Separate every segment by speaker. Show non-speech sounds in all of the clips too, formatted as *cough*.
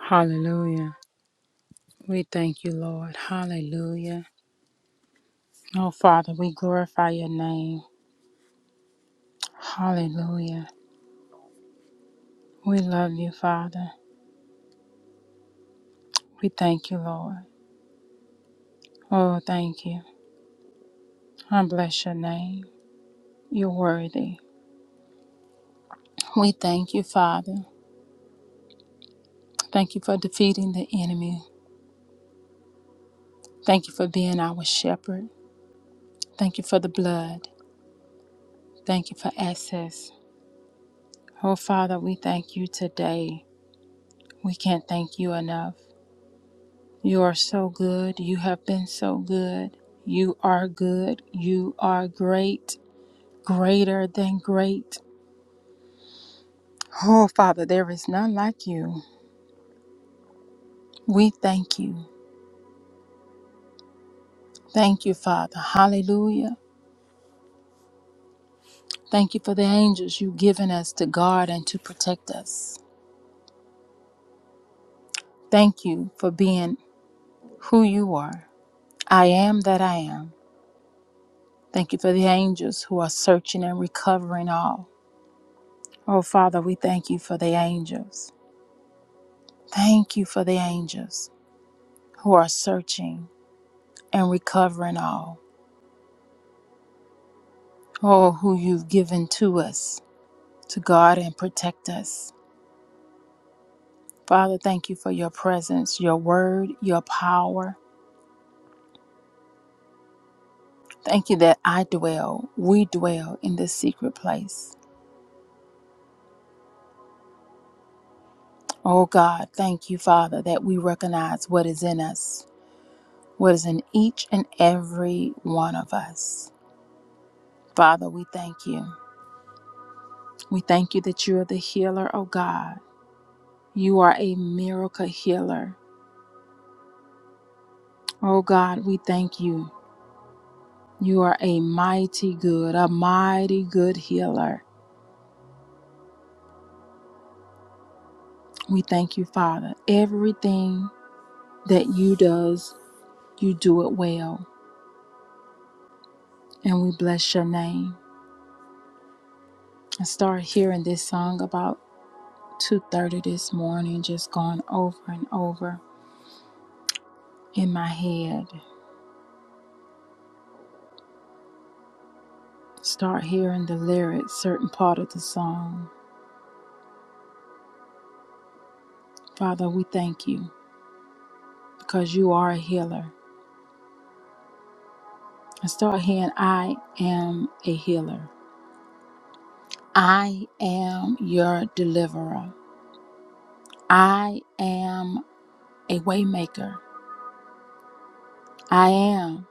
Speaker 1: Hallelujah. We thank you, Lord. Hallelujah. Oh, Father, we glorify your name. Hallelujah. We love you, Father. We thank you, Lord. Oh, thank you. I bless your name. You're worthy. We thank you, Father. Thank you for defeating the enemy. Thank you for being our shepherd. Thank you for the blood. Thank you for access. Oh, Father, we thank you today. We can't thank you enough. You are so good. You have been so good. You are good. You are great, greater than great. Oh, Father, there is none like you. We thank you. Thank you, Father. Hallelujah. Thank you for the angels you've given us to guard and to protect us. Thank you for being who you are. I am that I am. Thank you for the angels who are searching and recovering all. Oh, Father, we thank you for the angels. Thank you for the angels. who are searching and recovering all. Oh, who you've given to us to guard and protect us. Father, thank you for your presence, your word, your power. Thank you that I dwell, we dwell in this secret place. Oh God, thank you, Father, that we recognize what is in us, what is in each and every one of us. Father, we thank you. We thank you that you are the healer, oh God. You are a miracle healer. Oh God, we thank you. You are a mighty good, a mighty good healer. We thank you, Father. Everything that you does, you do it well. And we bless your name. I started hearing this song about 2:30 this morning, just going over and over in my head. Start hearing the lyrics, certain part of the song. Father, we thank you because you are a healer. I start hearing I am a healer. I am your deliverer. I am a waymaker. I am.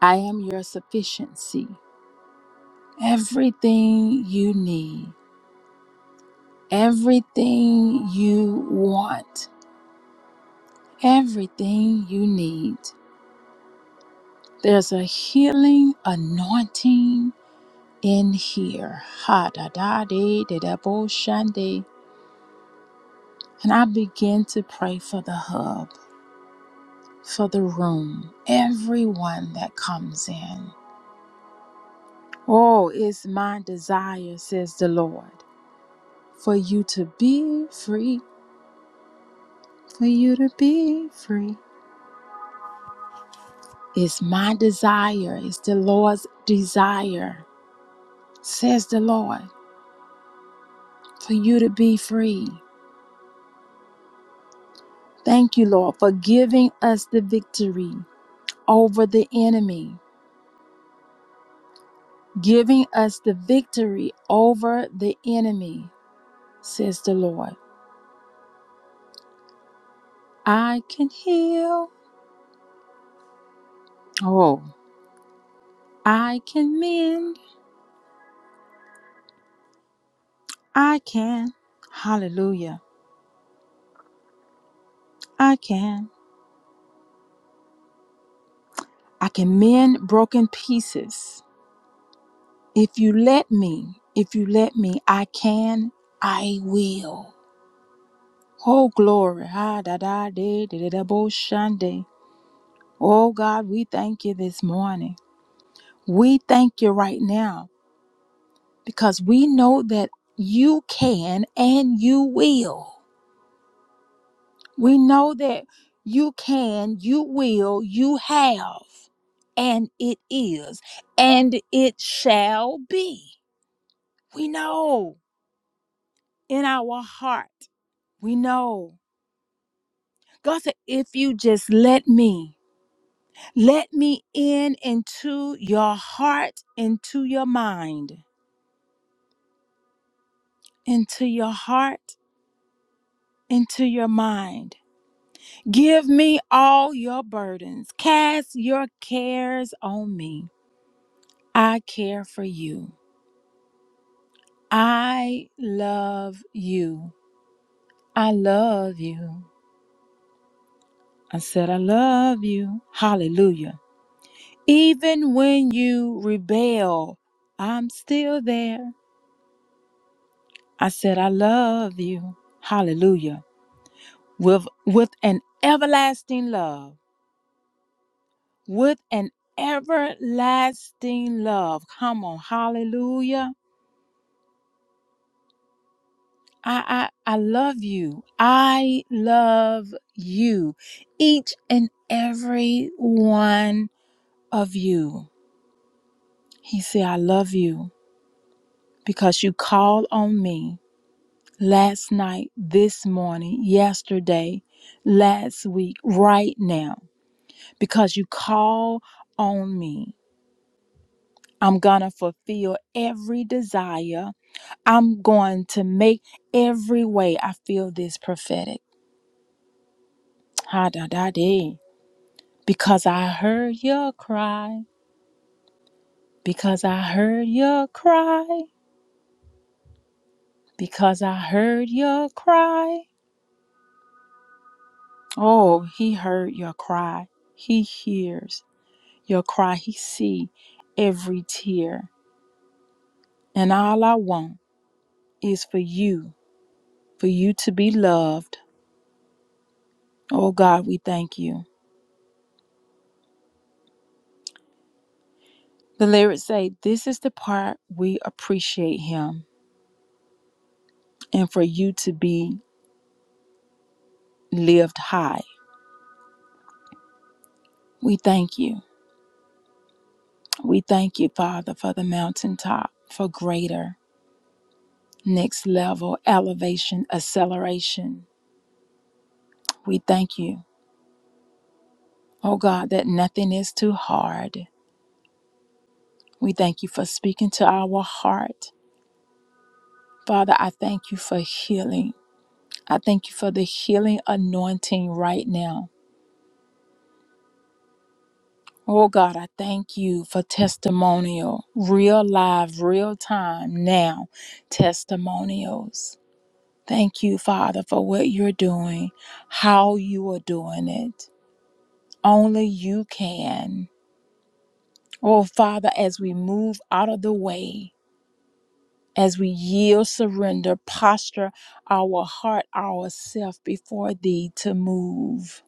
Speaker 1: I am your sufficiency. Everything you need, everything you want, everything you need. There's a healing anointing in here. Ha da da de de da bo shande. And I begin to pray for the hub, for the room, everyone that comes in. Oh, it's my desire, says the Lord, for you to be free, for you to be free. It's my desire, it's the Lord's desire, says the Lord, for you to be free. Thank you, Lord, for giving us the victory over the enemy, giving us the victory over the enemy, says the Lord. I can heal. Oh, I can mend. I can. Hallelujah. I can. I can mend broken pieces. If you let me, if you let me, I can, I will. Oh, glory. Ha, da, da, de, de, de, da, bo, shande. Oh, God, we thank you this morning. We thank you right now because we know that you can and you will. We know that you can, you will, you have, and it is, and it shall be. We know in our heart. We know. God said, if you just let me, let me in into your heart, into your mind, into your heart, into your mind. Give me all your burdens. Cast your cares on me. I care for you. I love you. I love you. I said, I love you. Hallelujah. Even when you rebel, I'm still there. I said, I love you. Hallelujah. With, with an everlasting love. With an everlasting love. Come on. Hallelujah. I, I, I love you. I love you. Each and every one of you. He said, I love you because you called on me last night, this morning, yesterday, last week, right now. Because you call on me, I'm going to fulfill every desire. I'm going to make every way I feel this prophetic. Ha da da dee. Because I heard your cry. Because I heard your cry. Because I heard your cry Oh, he heard your cry. He hears your cry. He see every tear. And all I want is for you, for you to be loved. Oh God, we thank you. The lyrics say, This is the part we appreciate him and for you to be lived high. We thank you. We thank you, Father, for the mountaintop, for greater, next level, elevation, acceleration. We thank you. Oh God, that nothing is too hard. We thank you for speaking to our heart. Father, I thank you for healing. I thank you for the healing anointing right now. Oh God, I thank you for testimonial, real live, real time now testimonials. Thank you, Father, for what you're doing, how you are doing it. Only you can. Oh, Father, as we move out of the way. as we yield, surrender, posture our heart, ourself before Thee to move,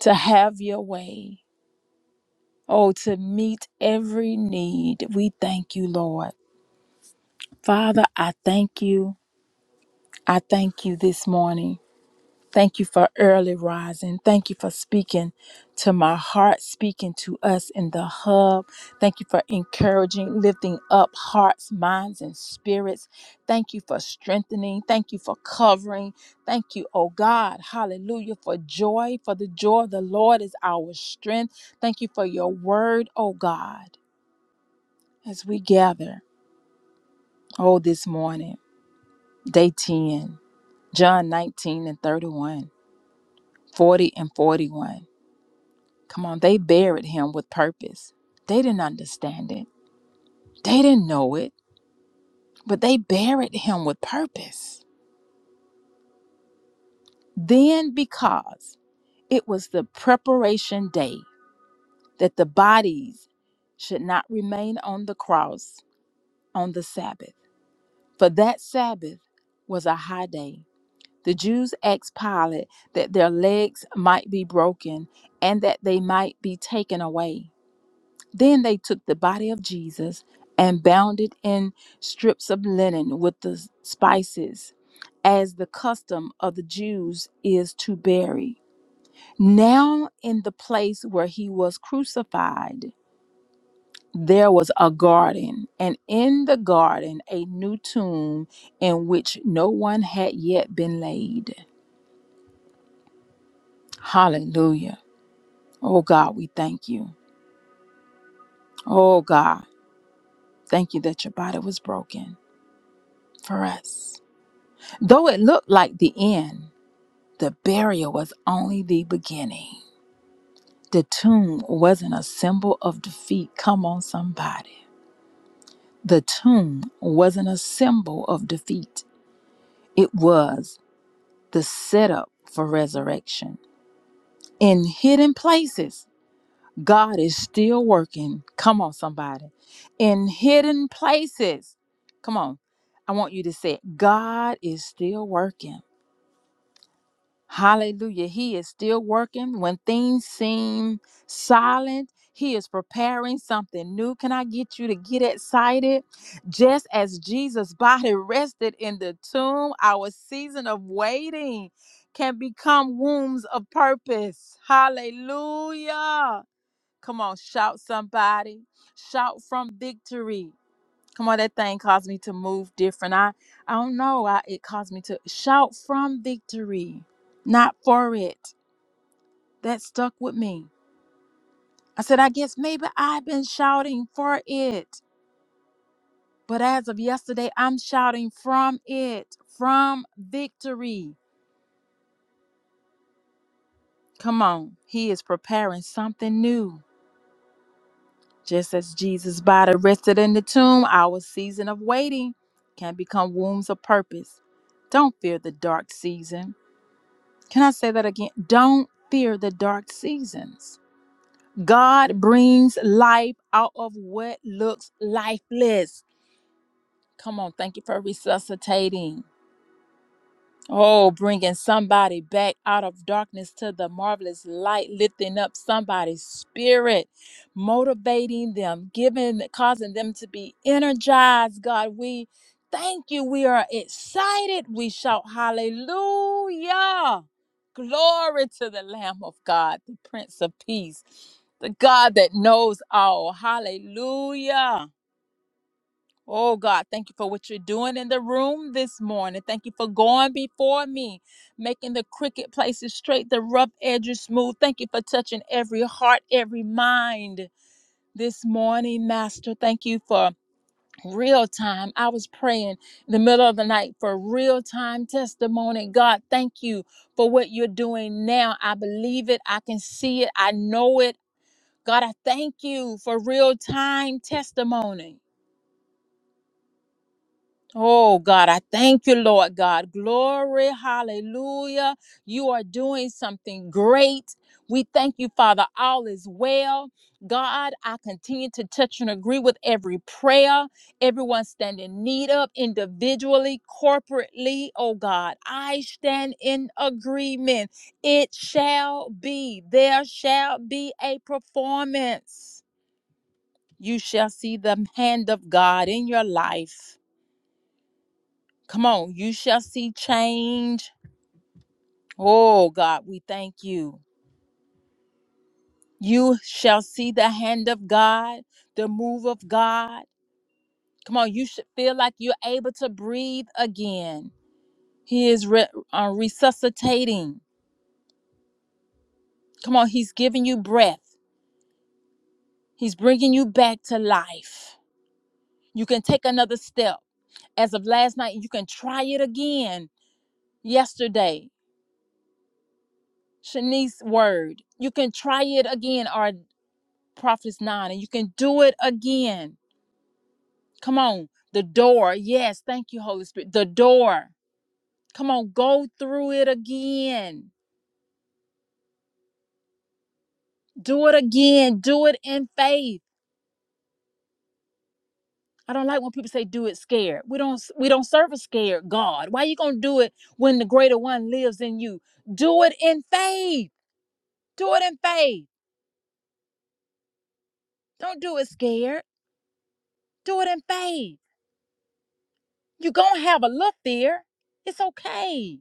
Speaker 1: to have Your way, oh, to meet every need. We thank You, Lord. Father, I thank You. I thank You this morning. Thank you for early rising. Thank you for speaking to my heart, speaking to us in the hub. Thank you for encouraging, lifting up hearts, minds, and spirits. Thank you for strengthening. Thank you for covering. Thank you, oh God. Hallelujah. For joy, for the joy of the Lord is our strength. Thank you for your word, oh God, as we gather, oh, this morning, day 10, John 19 and 31, 40 and 41. Come on, they buried him with purpose. They didn't understand it, they didn't know it, but they buried him with purpose. Then, because it was the preparation day that the bodies should not remain on the cross on the Sabbath, for that Sabbath was a high day. The Jews asked Pilate that their legs might be broken and that they might be taken away. Then they took the body of Jesus and bound it in strips of linen with the spices, as the custom of the Jews is to bury. Now, in the place where he was crucified, there was a garden, and in the garden, a new tomb in which no one had yet been laid. Hallelujah. Oh God, we thank you. Oh God, thank you that your body was broken for us. Though it looked like the end, the burial was only the beginning. The tomb wasn't a symbol of defeat. Come on, somebody. The tomb wasn't a symbol of defeat, it was the setup for resurrection. In hidden places, God is still working. Come on, somebody. In hidden places, come on. I want you to say, it. God is still working. Hallelujah. He is still working when things seem silent. He is preparing something new. Can I get you to get excited? Just as Jesus' body *laughs* rested in the tomb, our season of waiting can become wombs of purpose. Hallelujah. Come on, shout somebody. Shout from victory. Come on, that thing caused me to move different. I I don't know. I, it caused me to shout from victory, not for it. That stuck with me. I said, I guess maybe I've been shouting for it, but as of yesterday, I'm shouting from it, from victory. Come on, He is preparing something new. Just as Jesus' body rested in the tomb, our season of waiting can become wombs of purpose. Don't fear the dark season. Can I say that again? Don't fear the dark seasons. God brings life out of what looks lifeless. Come on, thank you for resuscitating. Oh, bringing somebody back out of darkness to the marvelous light, lifting up somebody's spirit, motivating them, giving, causing them to be energized. God, we thank you. We are excited. We shout hallelujah. Glory to the Lamb of God, the Prince of Peace, the God that knows all. Hallelujah. Oh God, thank you for what you're doing in the room this morning. Thank you for going before me, making the crooked places straight, the rough edges smooth. Thank you for touching every heart, every mind this morning, Master. Thank you for real time. I was praying in the middle of the night for real time testimony. God, thank you for what you're doing now. I believe it, I can see it, I know it. God, I thank you for real time testimony. Oh God, I thank you, Lord God. Glory, hallelujah. You are doing something great. We thank you, Father. All is well. God, I continue to touch and agree with every prayer, everyone standing need of individually, corporately. Oh God, I stand in agreement. It shall be, there shall be a performance. You shall see the hand of God in your life. Come on, you shall see change. Oh God, we thank you. You shall see the hand of God, the move of God. Come on, you should feel like you're able to breathe again. He is re- uh, resuscitating. Come on, He's giving you breath, He's bringing you back to life. You can take another step. As of last night, you can try it again. Yesterday, Shanice's word. You can try it again, RD. Prophets 9, and you can do it again. Come on. The door. Yes. Thank you, Holy Spirit. The door. Come on. Go through it again. Do it again. Do it in faith. I don't like when people say do it scared. We don't we don't serve a scared God. Why are you going to do it when the greater one lives in you? Do it in faith. Do it in faith. Don't do it scared. Do it in faith. You're going to have a look there. It's okay.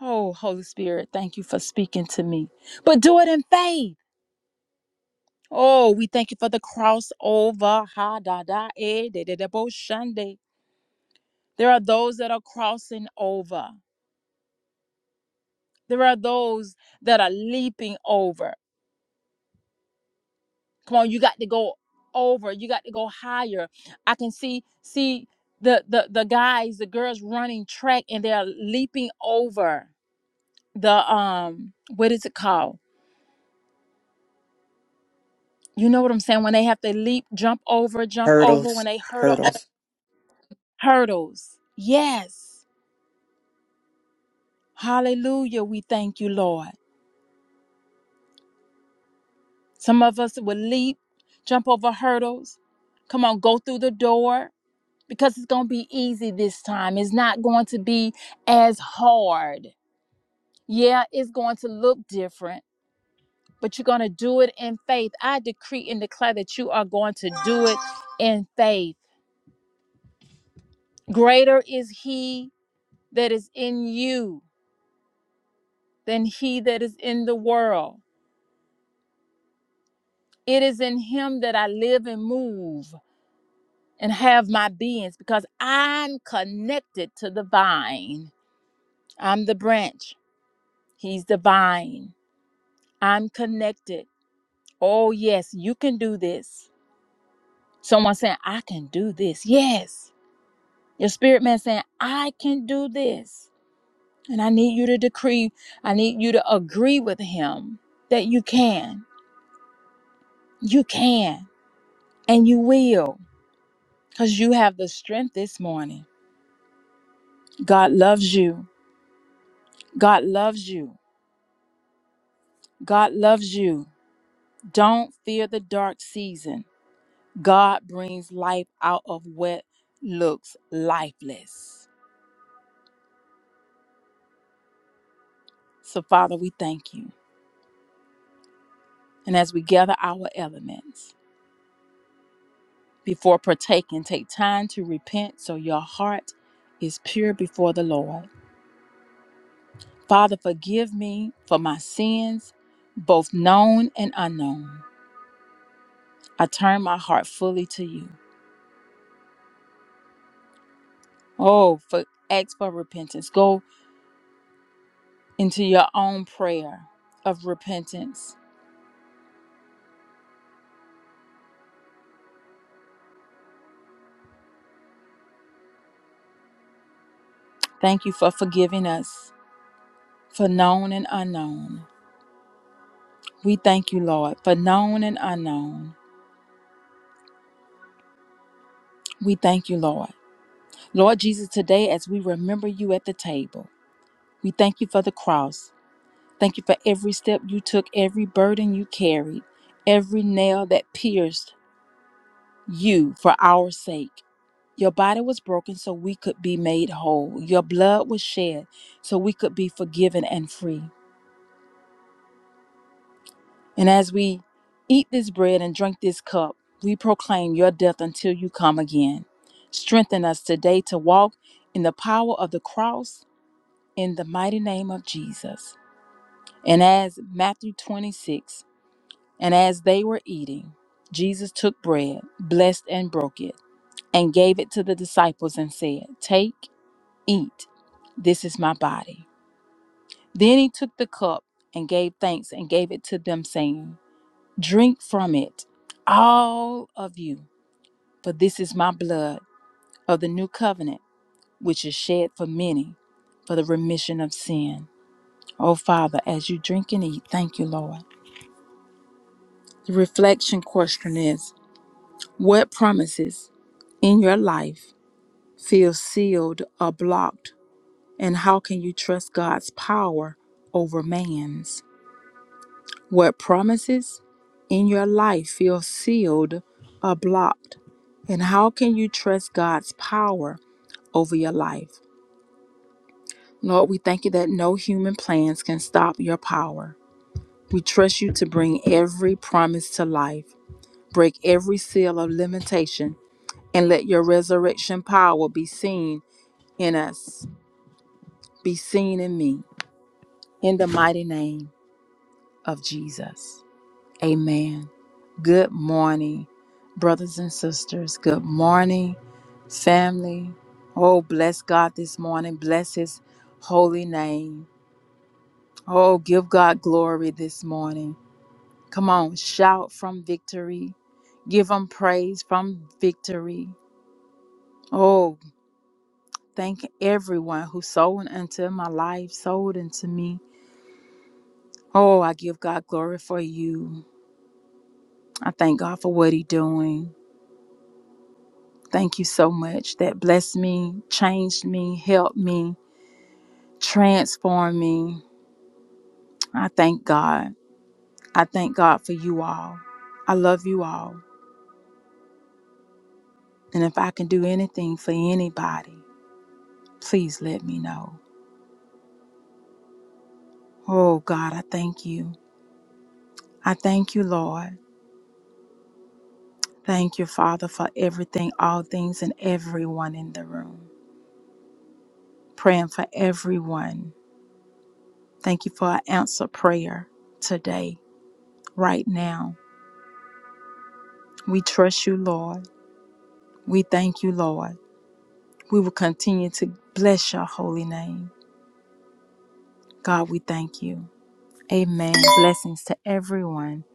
Speaker 1: Oh, Holy Spirit, thank you for speaking to me. But do it in faith. Oh, we thank you for the crossover. Ha da da eh, da da da bo shande. There are those that are crossing over. There are those that are leaping over. Come on, you got to go over. You got to go higher. I can see see the the the guys, the girls running track, and they are leaping over the um what is it called? You know what I'm saying? When they have to leap, jump over, jump over, when
Speaker 2: Hurdles,
Speaker 1: they hurdle
Speaker 2: hurdles.
Speaker 1: hurdles. Yes. Hallelujah. We thank you, Lord. Some of us will leap, jump over hurdles. Come on, go through the door because it's going to be easy this time. It's not going to be as hard. Yeah, it's going to look different, but you're going to do it in faith. I decree and declare that you are going to do it in faith. Greater is He that is in you than he that is in the world. It is in him that I live and move and have my beings because I'm connected to the vine. I'm the branch, he's the vine. I'm connected. Oh, yes, you can do this. Someone saying, I can do this. Yes. Your spirit man saying, I can do this. And I need you to decree, I need you to agree with him that you can. You can and you will. because you have the strength this morning. God loves you. God loves you. God loves you. Don't fear the dark season. God brings life out of what looks lifeless. So, Father, we thank you. And as we gather our elements before partaking, take time to repent so your heart is pure before the Lord. Father, forgive me for my sins, both known and unknown. I turn my heart fully to you. Oh, for, ask for repentance. Go into your own prayer of repentance. Thank you for forgiving us for known and unknown. We thank you, Lord, for known and unknown. We thank you, Lord. Lord Jesus, today as we remember you at the table, we thank you for the cross. Thank you for every step you took, every burden you carried, every nail that pierced you for our sake. Your body was broken so we could be made whole. Your blood was shed so we could be forgiven and free. And as we eat this bread and drink this cup, we proclaim your death until you come again. Strengthen us today to walk in the power of the cross in the mighty name of Jesus. And as Matthew 26, and as they were eating, Jesus took bread, blessed and broke it, and gave it to the disciples and said, Take. Eat, this is my body. Then he took the cup and gave thanks and gave it to them, saying, Drink from it, all of you, for this is my blood of the new covenant, which is shed for many for the remission of sin. Oh, Father, as you drink and eat, thank you, Lord. The reflection question is What promises in your life feel sealed or blocked, and how can you trust God's power over man's? What promises in your life feel sealed or blocked? And how can you trust God's power over your life? Lord, we thank you that no human plans can stop your power. We trust you to bring every promise to life, break every seal of limitation, and let your resurrection power be seen in us, be seen in me, in the mighty name of Jesus. Amen. Good morning, brothers and sisters. Good morning, family. Oh, bless God this morning. Bless His holy name. Oh, give God glory this morning. Come on, shout from victory. Give Him praise from victory. Oh, thank everyone who sold into my life, sold into me. Oh, I give God glory for you. I thank God for what He doing. Thank you so much. That blessed me, changed me, helped me, transformed me. I thank God. I thank God for you all. I love you all. And if I can do anything for anybody, please let me know. Oh, God, I thank you. I thank you, Lord. Thank you, Father, for everything, all things, and everyone in the room. Praying for everyone. Thank you for an answer prayer today, right now. We trust you, Lord. We thank you, Lord. We will continue to bless your holy name. God, we thank you. Amen. Blessings to everyone.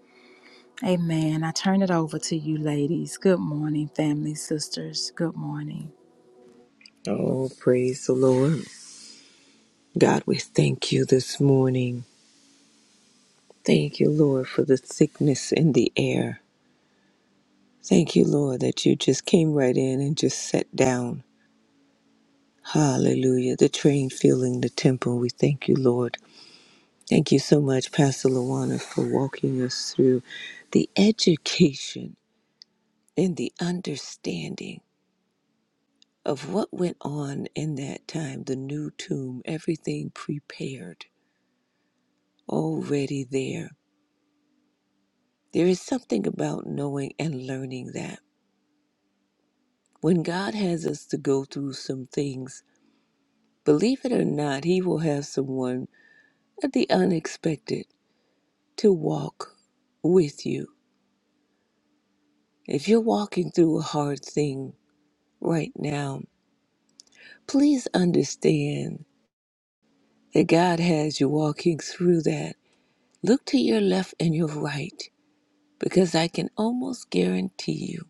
Speaker 1: Amen. I turn it over to you, ladies. Good morning, family, sisters. Good morning.
Speaker 3: Oh, praise the Lord. God, we thank you this morning. Thank you, Lord, for the thickness in the air. Thank you, Lord, that you just came right in and just sat down. Hallelujah. The train filling the temple. We thank you, Lord. Thank you so much, Pastor Luana, for walking us through the education and the understanding of what went on in that time, the new tomb, everything prepared, already there. There is something about knowing and learning that when God has us to go through some things, believe it or not, He will have someone at the unexpected to walk with you. If you're walking through a hard thing right now, please understand that God has you walking through that. Look to your left and your right because I can almost guarantee you.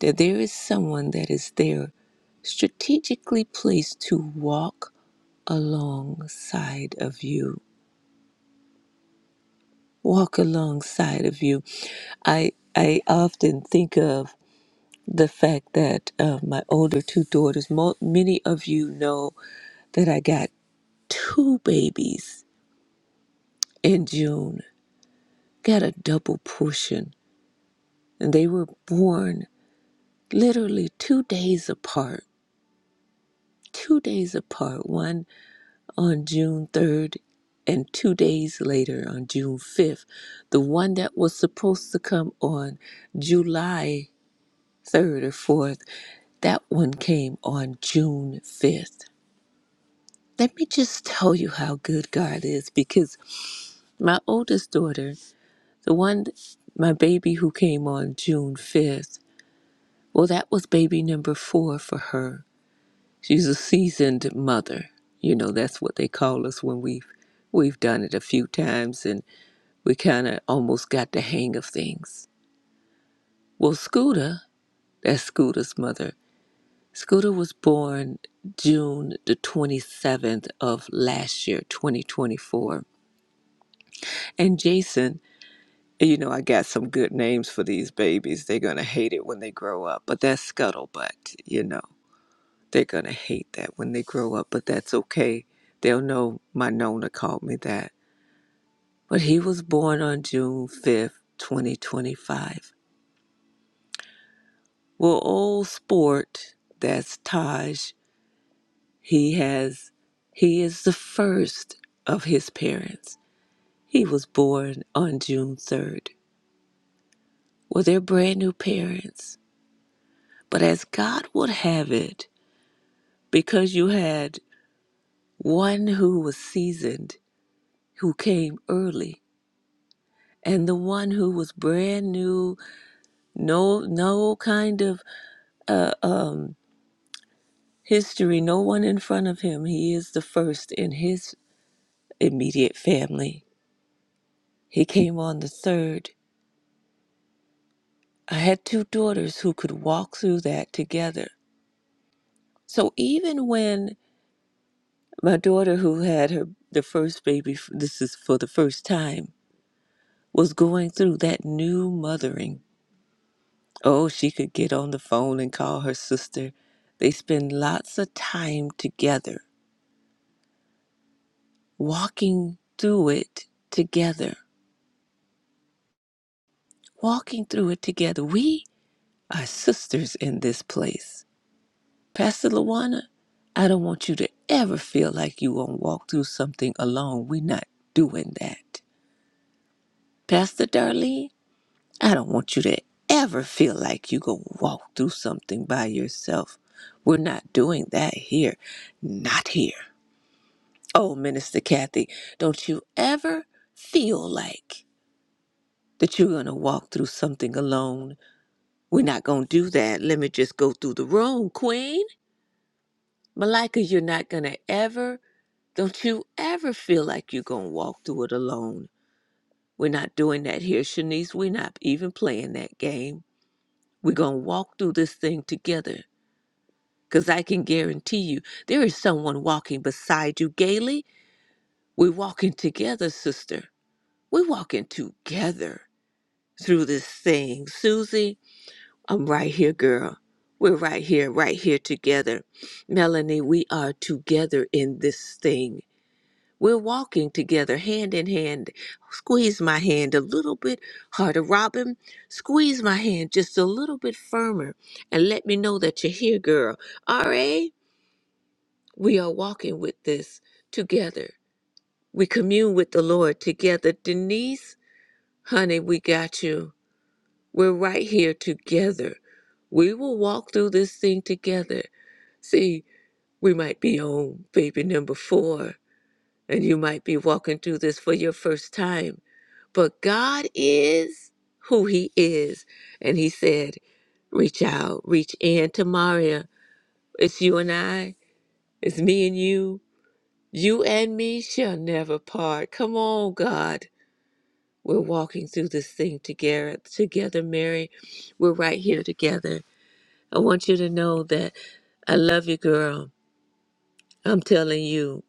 Speaker 3: that there is someone that is there strategically placed to walk alongside of you walk alongside of you i i often think of the fact that uh, my older two daughters mo- many of you know that i got two babies in june got a double portion and they were born literally two days apart two days apart. One on June 3rd, and two days later on June 5th. The one that was supposed to come on July 3rd or 4th, that one came on June 5th. Let me just tell you how good God is because my oldest daughter, the one, my baby who came on June 5th, well, that was baby number four for her. She's a seasoned mother. You know, that's what they call us when we've we've done it a few times and. we kind of almost got the hang of things. Well, Scooter, that's Scooter's mother. Scooter was born June the 27th of last year, 2024. And Jason, you know, I got some good names for these babies. They're going to hate it when they grow up, but that's Scuttlebutt, you know. They're going to hate that when they grow up, but that's okay. They'll know my Nona called me that. But he was born on June 5th, 2025 Well, old sport, that's Taj. He has, he is the first of his parents. He was born on June 3rd. Well, they're brand new parents. But as God would have it, because you had one who was seasoned, who came early, and the one who was brand new, no, no kind of, uh, um, history, no one in front of him. He is the first in his immediate family. He came on the third. I had two daughters who could walk through that together. So even when my daughter who had her the first baby this is for the first time was going through that new mothering. Oh, she could get on the phone and call her sister. They spend lots of time together, walking through it together. Walking through it together. We are sisters in this place Pastor Lawana, I don't want you to ever feel like you won't walk through something alone. We're not doing that. Pastor Darlene, I don't want you to ever feel like you're going to walk through something by yourself. We're not doing that here. Not here. Oh, Minister Kathy, don't you ever feel like that you're going to walk through something alone. We're not going to do that. Let me just go through the room, Queen. Malika, you're not going to ever Don't you ever feel like you're going to walk through it alone. We're not doing that here, Shanice. We're not even playing that game. We're going to walk through this thing together because I can guarantee you there is someone walking beside you gaily. We're walking together, sister. We're walking together through this thing. Susie, I'm right here, girl. We're right here, right here together. Melanie, we are together in this thing. We're walking together hand in hand. Squeeze my hand a little bit harder. Robin, squeeze my hand just a little bit firmer and let me know that you're here, girl. R.A., we are walking with this together. We commune with the Lord together. Denise, honey, we got you. We're right here together. We will walk through this thing together. See, we might be on baby number four, and you might be walking through this for your first time But God is who He is. And He said, reach out, reach in to Maria. It's you and I, it's me and you. You and me shall never part. Come on, God. We're walking through this thing together, together, Mary. We're right here together. I want you to know that I love you, girl. I'm telling you,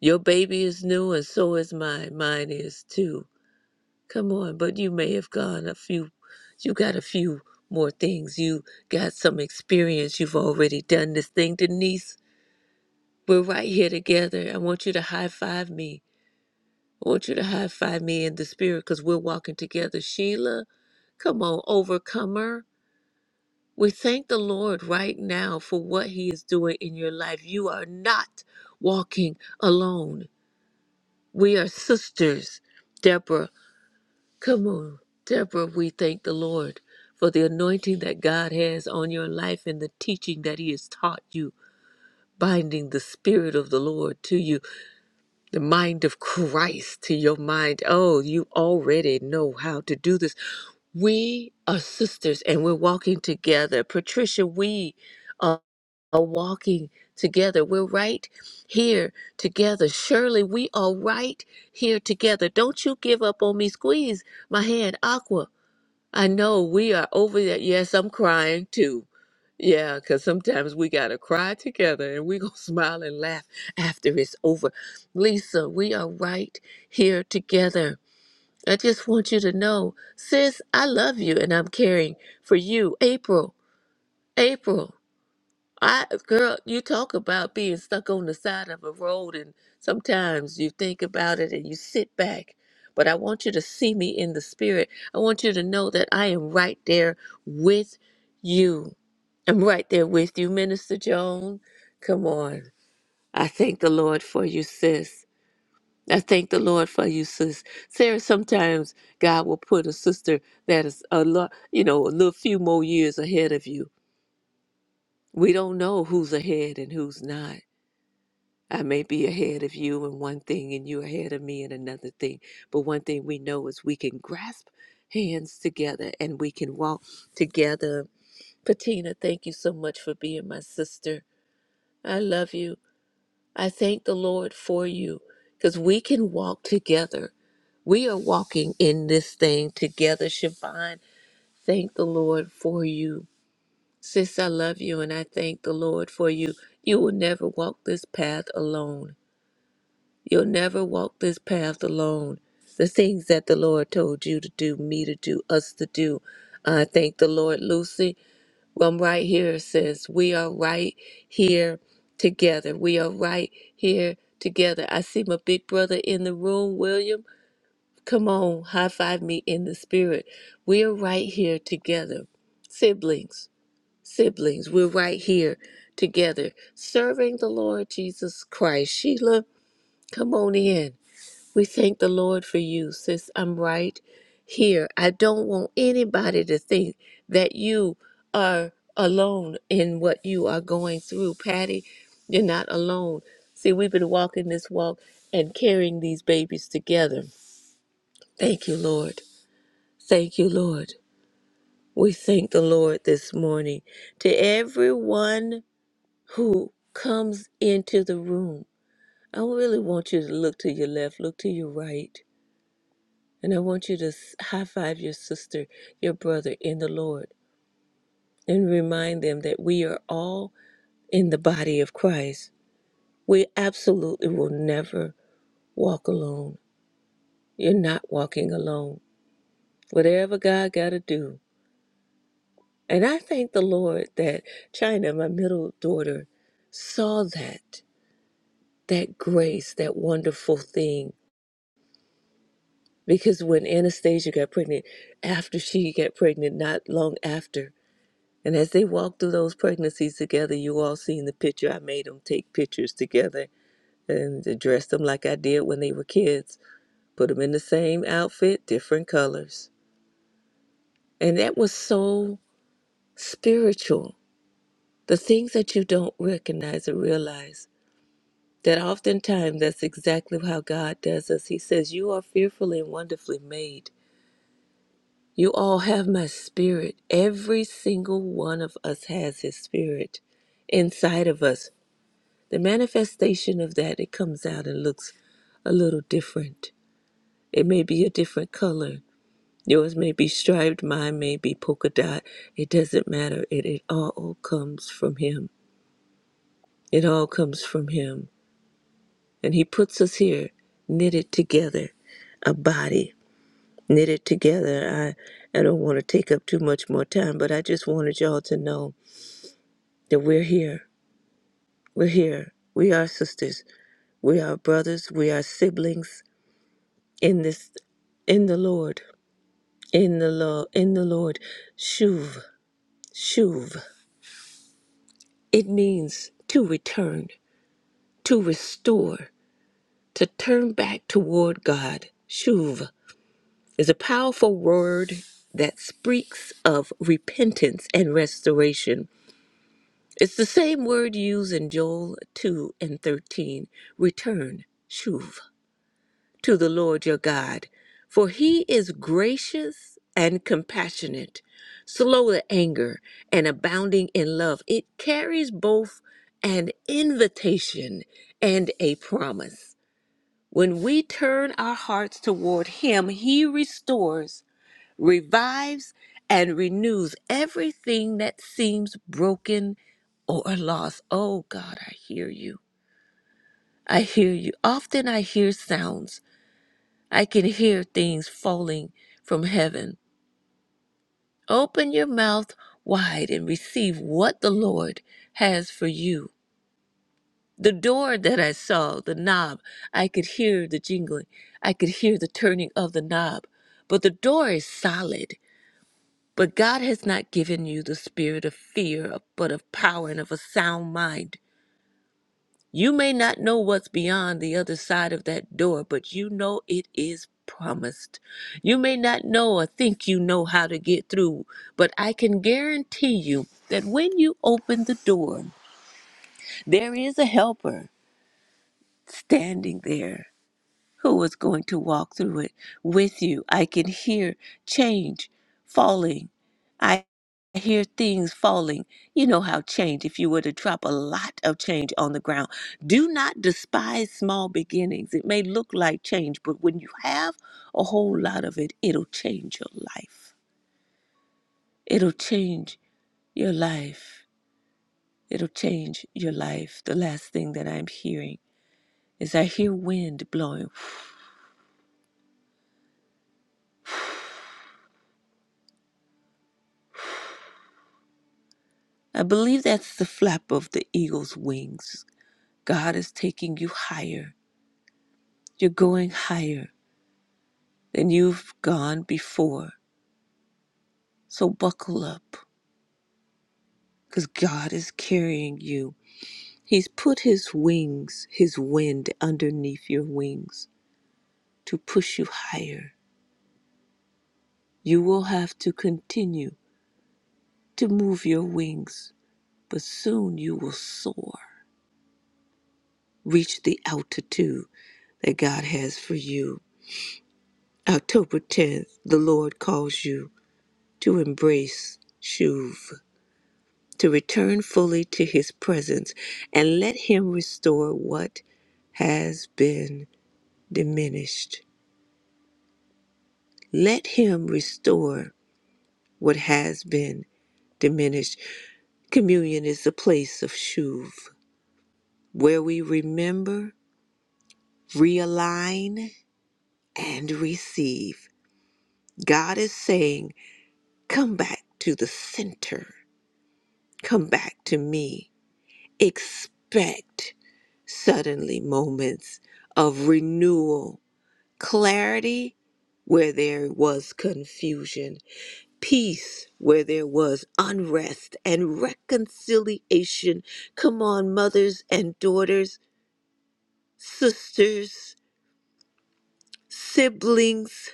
Speaker 3: your baby is new and so is mine. Mine is too. Come on, but you may have gone a few, you got a few more things. You got some experience. You've already done this thing. Denise, we're right here together. I want you to high five me. I want you to high five me in the spirit because we're walking together. Sheila, come on, overcomer. We thank the Lord right now for what He is doing in your life. You are not walking alone. We are sisters. Deborah, Come on, Deborah, we thank the Lord for the anointing that God has on your life and the teaching that He has taught you, binding the Spirit of the Lord to you, the mind of Christ to your mind. Oh, you already know how to do this. We are sisters and we're walking together. Patricia, we are are walking together. We're right here together. Shirley, we are right here together. Don't you give up on me. Squeeze my hand, Aqua. I know we are over that. Yes, I'm crying too. Yeah, because sometimes we got to cry together and we going to *laughs* smile and laugh after it's over. Lisa, we are right here together. I just want you to know, sis, I love you and I'm caring for you. April, April. I girl, you talk about being stuck on the side of a road and sometimes you think about it and you sit back. But I want you to see me in the spirit. I want you to know that I am right there with you. I'm right there with you, Minister Joan. Come on. I thank the Lord for you, sis. I thank the Lord for you, sis. Sarah, sometimes God will put a sister that is a lot, you know, a little few more years ahead of you. We don't know who's ahead and who's not I may be ahead of you in one thing and you ahead of me in another thing. But one thing we know is we can grasp hands together and we can walk together. Patina, thank you so much for being my sister. I love you. I thank the Lord for you because we can walk together. We are walking in this thing together, Siobhan. Thank the Lord for you. Sis, I love you and I thank the Lord for you. You will never walk this path alone. You'll never walk this path alone. The things that the Lord told you to do, me to do, us to do. I thank the Lord, Lucy. I'm right here says we are right here together. We are right here together. I see my big brother in the room, William. Come on, high five me in the spirit. We are right here together. Siblings, siblings, we're right here together. Serving the Lord Jesus Christ. Sheila, come on in. We thank the Lord for you, sis. I'm right here. I don't want anybody to think that you are alone in what you are going through. Patty, you're not alone. See, we've been walking this walk and carrying these babies together. Thank you, Lord. Thank you, Lord. We thank the Lord this morning. To everyone who comes into the room, I really want you to look to your left, look to your right And I want you to high five your sister, your brother in the Lord, and remind them that we are all in the body of Christ. We absolutely will never walk alone. You're not walking alone. Whatever God got to do. And I thank the Lord that China, my middle daughter, saw that, that grace, that wonderful thing. Because when Anastasia got pregnant, after she got pregnant, not long after, And as they walked through those pregnancies together, you all seen the picture. I made them take pictures together and dressed them like I did when they were kids. Put them in the same outfit, different colors. And that was so spiritual. The things that you don't recognize or realize, that oftentimes that's exactly how God does us. He says, You are fearfully and wonderfully made. You all have my spirit. Every single one of us has his spirit inside of us the manifestation of that it comes out and looks a little different it may be a different color yours may be striped mine may be polka dot it doesn't matter it, it all comes from him it all comes from him and he puts us here knitted together a body knitted together i i don't want to take up too much more time but i just wanted y'all to know that we're here we're here we are sisters we are brothers we are siblings in this in the Lord, in the Lord, in the Lord, shuv, shuv. It means to return, to restore, to turn back toward God. Shuv is a powerful word that speaks of repentance and restoration. It's the same word used in Joel 2 and 13, return, shuv. to the Lord your God, for he is gracious and compassionate, slow to anger, and abounding in love. It carries both an invitation and a promise. When we turn our hearts toward him, he restores, revives, and renews everything that seems broken or lost. Oh God, I hear you. I hear you. Often I hear sounds I can hear things falling from heaven. Open your mouth wide and receive what the Lord has for you. The door that I saw, the knob, I could hear the jingling. I could hear the turning of the knob. But the door is solid. But God has not given you the spirit of fear, but of power and of a sound mind. You may not know what's beyond the other side of that door, but you know it is promised. You may not know or think you know how to get through, but I can guarantee you that when you open the door, there is a helper standing there who is going to walk through it with you. I can hear change falling. I hear things falling. You know how change, if you were to drop a lot of change on the ground, do not despise small beginnings. It may look like change, but when you have a whole lot of it, it'll change your life. It'll change your life. It'll change your life. The last thing that I'm hearing is I hear wind blowing I believe that's the flap of the eagle's wings. God is taking you higher. You're going higher than you've gone before. So buckle up because God is carrying you. He's put his wings, his wind underneath your wings to push you higher. You will have to continue to move your wings, but soon you will soar, reach the altitude that God has for you. October 10th, the Lord calls you to embrace Shuv, to return fully to his presence, and let him restore what has been diminished. Let him restore what has been diminished. Communion is the place of Shuv, where we remember, realign, and receive. God is saying, Come back to the center, come back to me. expect suddenly moments of renewal, clarity where there was confusion, peace where there was unrest, and reconciliation. Come on, mothers and daughters, sisters, siblings,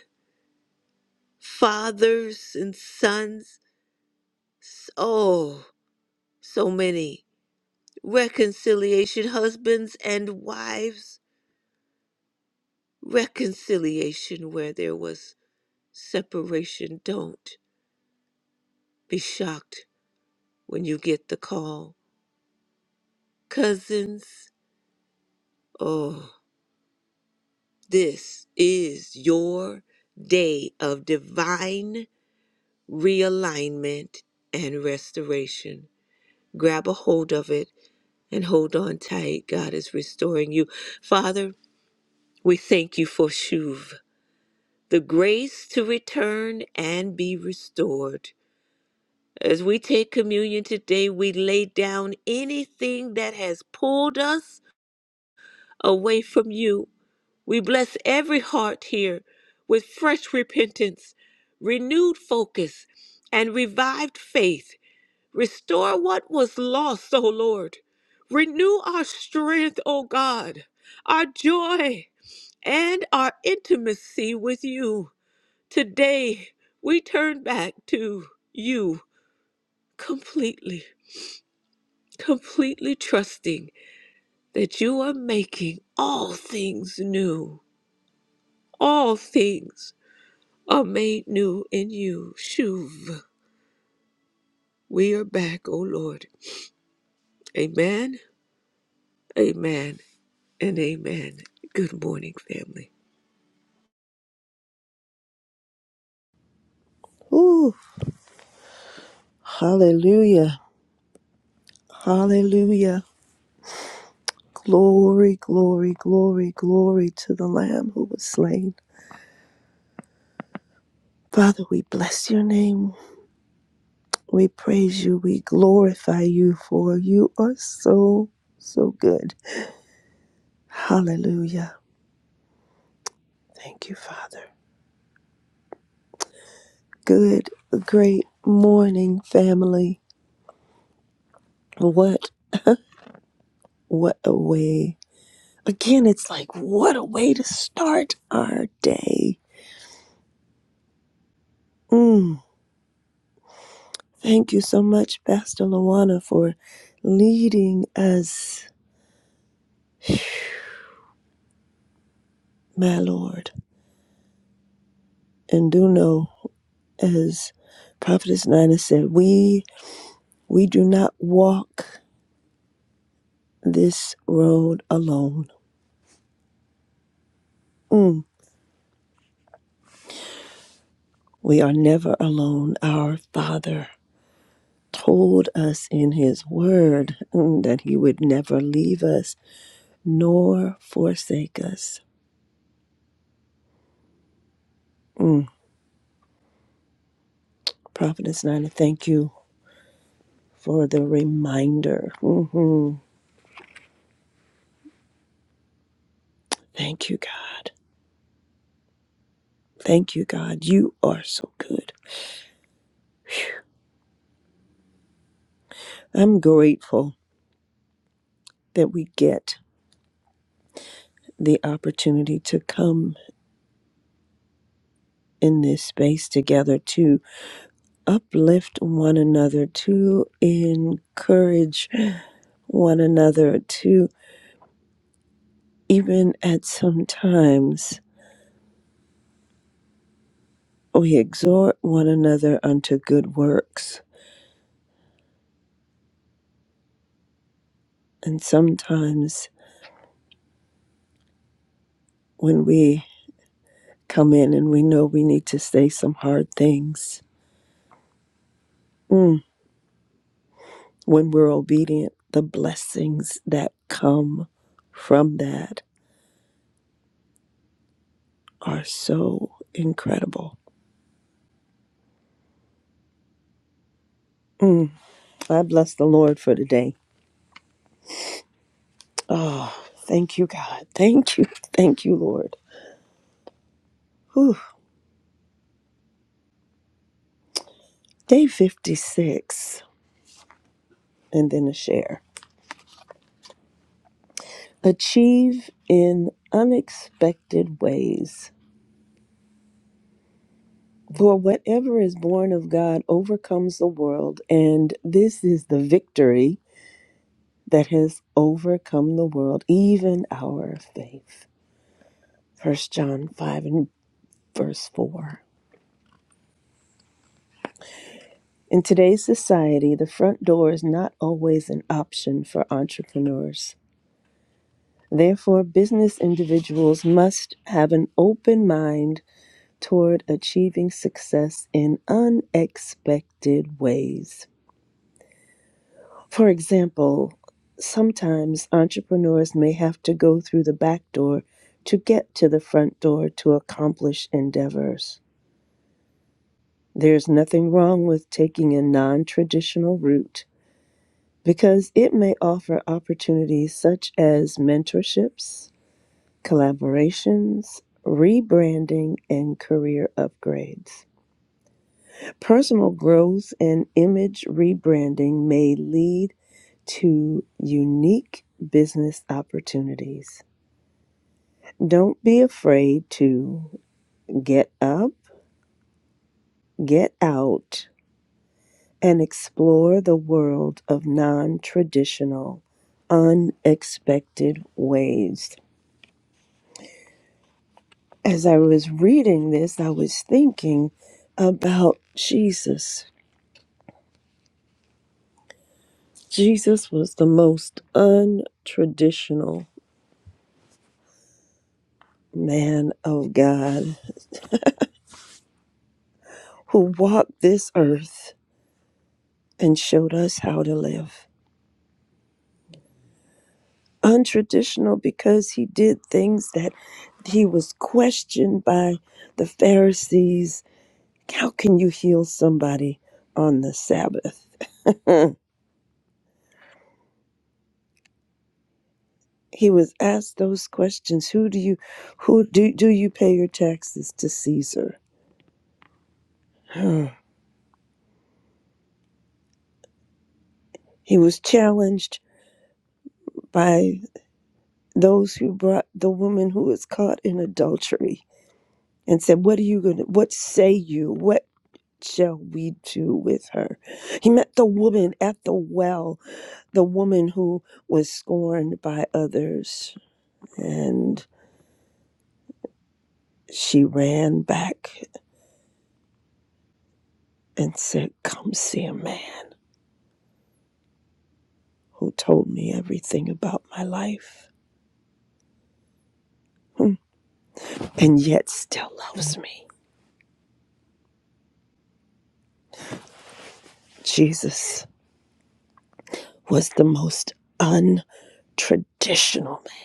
Speaker 3: fathers and sons. S- Oh, so many. Reconciliation, husbands and wives reconciliation where there was separation. Don't be shocked when you get the call. Cousins, oh, this is your day of divine realignment and restoration. Grab a hold of it and hold on tight. God is restoring you. Father, we thank you for Shuv, the grace to return and be restored. As we take communion today, we lay down anything that has pulled us away from you. We bless every heart here with fresh repentance, renewed focus, and revived faith. Restore what was lost, O Lord. Renew our strength, O God, our joy, and our intimacy with you. Today, we turn back to you completely. completely trusting that you are making all things new. All things are made new in you. Shuv. We are back, O Lord. Amen, amen, and amen. Good morning, family.
Speaker 4: Ooh, hallelujah, hallelujah. Glory, glory, glory, glory to the Lamb who was slain. Father, we bless your name. We praise you. We glorify you for you are so, so good. Hallelujah. Thank you, Father. Good, great morning, family. What, what a way. Again, it's like, what a way to start our day. Mm. Thank you so much, Pastor Luana, for leading us, my Lord. And do know, as Prophetess Nina said, we we do not walk this road alone. Mm, we are never alone. Our Father told us in His Word mm, that He would never leave us nor forsake us. Mm, Prophetess Nina, thank you for the reminder. hmm Thank you, God. Thank you, God. You are so good. I'm grateful that we get the opportunity to come in this space together to uplift one another, to encourage one another, to even at some times we exhort one another unto good works. And sometimes when we come in and we know we need to say some hard things, mm, When we're obedient, the blessings that come from that are so incredible. Mm, I bless the Lord for today. Oh, thank you, God. Thank you. *laughs* Thank you, Lord. Whew. Day 56, and then a share. Achieve in unexpected ways. For whatever is born of God overcomes the world, and this is the victory that has overcome the world, even our faith. First John 5 and verse 4. In today's society, the front door is not always an option for entrepreneurs. Therefore, business individuals must have an open mind toward achieving success in unexpected ways. For example, sometimes entrepreneurs may have to go through the back door to get to the front door to accomplish endeavors. There's nothing wrong with taking a non traditional route because it may offer opportunities such as mentorships, collaborations, rebranding, and career upgrades. Personal growth and image rebranding may lead to unique business opportunities. Don't be afraid to get up, get out, and explore the world of non traditional, unexpected ways. As I was reading this, I was thinking about Jesus. Jesus was the most untraditional man of God who walked this earth and showed us how to live. Untraditional because he did things that he was questioned by the Pharisees. How can you heal somebody on the Sabbath? *laughs* he was asked those questions. Who do you who do, do you pay your taxes to Caesar? *sighs* he was challenged by those who brought the woman who was caught in adultery and said, What are you going to, what say you? What shall we do with her? He met the woman at the well, the woman who was scorned by others. And she ran back and said, Come see a man who told me everything about my life hmm, and yet still loves me. Jesus was the most untraditional man.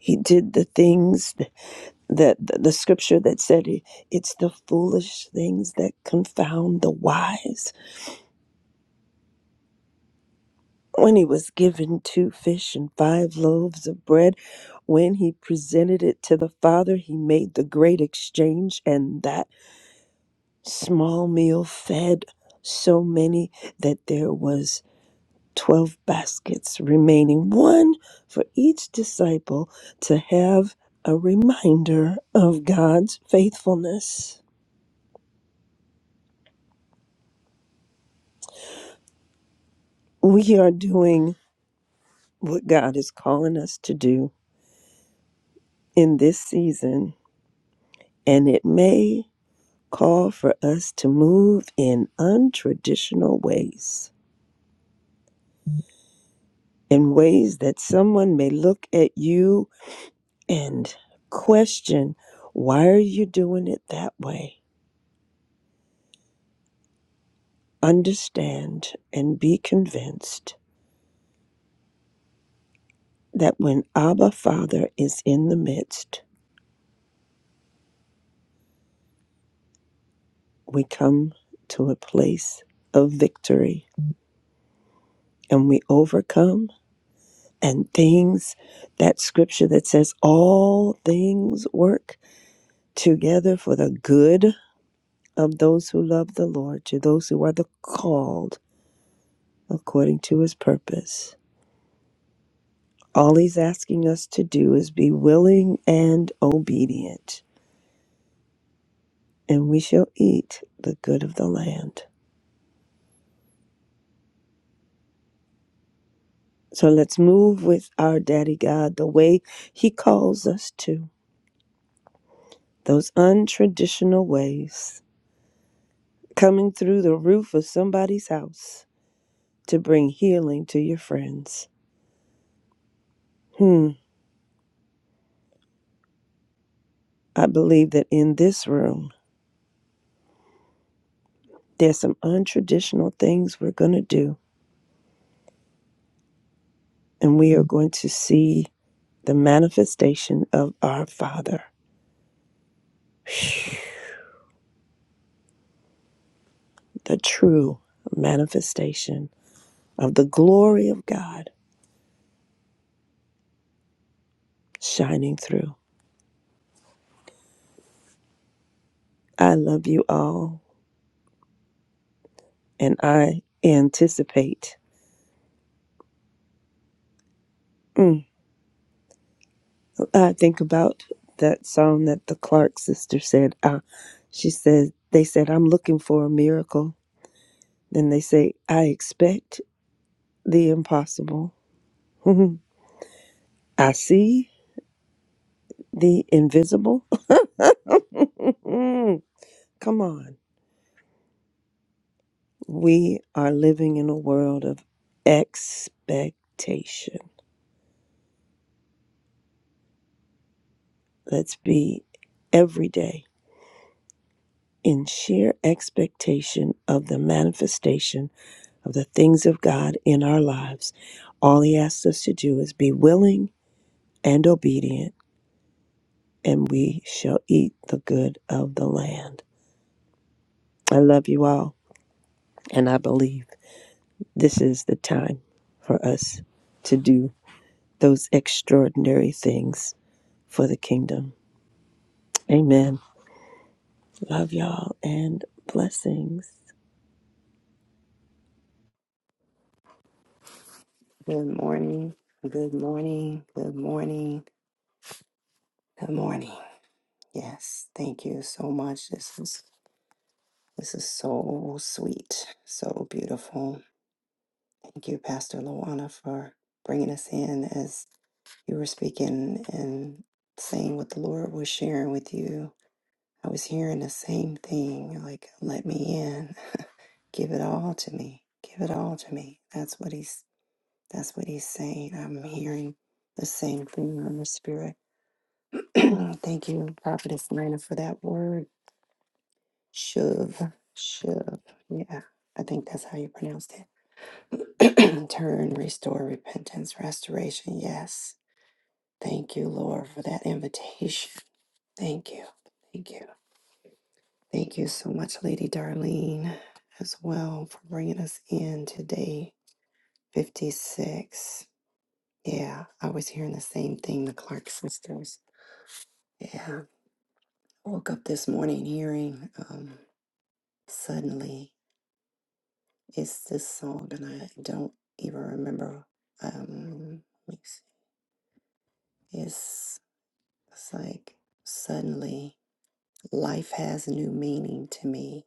Speaker 4: He did the things the, the the scripture that said it's the foolish things that confound the wise when he was given two fish and five loaves of bread when he presented it to the father he made the great exchange and that small meal fed so many that there was 12 baskets remaining one for each disciple to have a reminder of God's faithfulness we are doing what God is calling us to do in this season, and it may call for us to move in untraditional ways, in ways that someone may look at you and question, why are you doing it that way? Understand and be convinced that when Abba Father is in the midst, we come to a place of victory and we overcome and things that scripture that says all things work together for the good of those who love the lord to those who are the called according to his purpose all he's asking us to do is be willing and obedient and we shall eat the good of the land so let's move with our daddy god the way he calls us to those untraditional ways coming through the roof of somebody's house to bring healing to your friends. Hmm, I believe that in this room, there's some untraditional things we're going to do, and we are going to see the manifestation of our Father, the true manifestation of the glory of God shining through. I love you all, and I anticipate. Mm, I think about that song that the Clark sister said. Uh, she said, They said, I'm looking for a miracle. Then they say, I expect the impossible. *laughs* I see the invisible. *laughs* Come on. We are living in a world of expectation. Let's be every day in sheer expectation of the manifestation of the things of God in our lives. All He asks us to do is be willing and obedient, and we shall eat the good of the land. I love you all. And I believe this is the time for us to do those extraordinary things for the kingdom. Amen. Love y'all and blessings.
Speaker 2: Good morning, good morning, good morning, good morning. Yes, thank you so much. This is this is so sweet, so beautiful. Thank you, Pastor Luana, for bringing us in as you were speaking and saying what the Lord was sharing with you. I was hearing the same thing, like, let me in, give it all to me, give it all to me. That's what He's That's what he's saying. I'm hearing the same thing in the spirit. *clears throat* Thank you, Prophetess Nina, for that word. Shuv, shuv. Yeah, I think that's how you pronounced it. *clears throat* Turn, restore, repentance, restoration. Yes. Thank you, Lord, for that invitation. Thank you. Thank you. Thank you so much, Lady Darlene, as well, for bringing us in today. 56. Yeah, I was hearing the same thing, the Clark sisters. Yeah. woke up this morning hearing um, suddenly it's this song and i don't even remember um let me see. it's it's like suddenly life has new meaning to me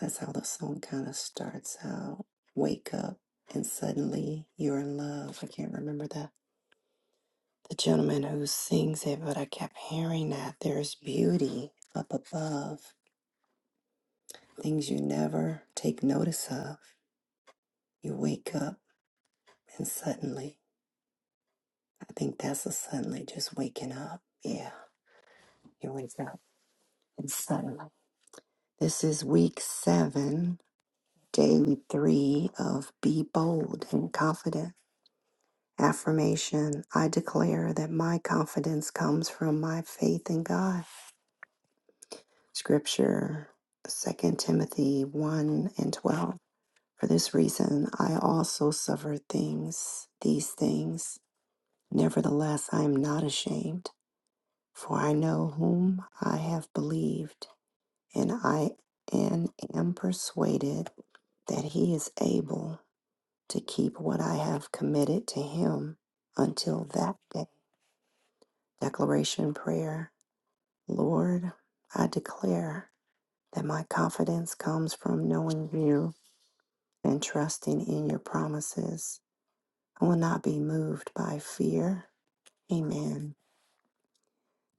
Speaker 2: that's how the song kind of starts out wake up and suddenly you're in love i can't remember the the gentleman who sings it but i kept hearing that there's beauty up above things you never take notice of you wake up And suddenly, I think that's a suddenly just waking up. Yeah, you wake up and suddenly. This is week seven, day three of Be Bold and Confident. Affirmation I declare that my confidence comes from my faith in God. Scripture Second Timothy 1 and 12. For this reason, I also suffer things, these things. Nevertheless, I am not ashamed For I know whom I have believed, and I and am persuaded that he is able to keep what I have committed to him until that day. Declaration prayer. Lord, I declare that my confidence comes from knowing you and trusting in your promises. I will not be moved by fear. Amen.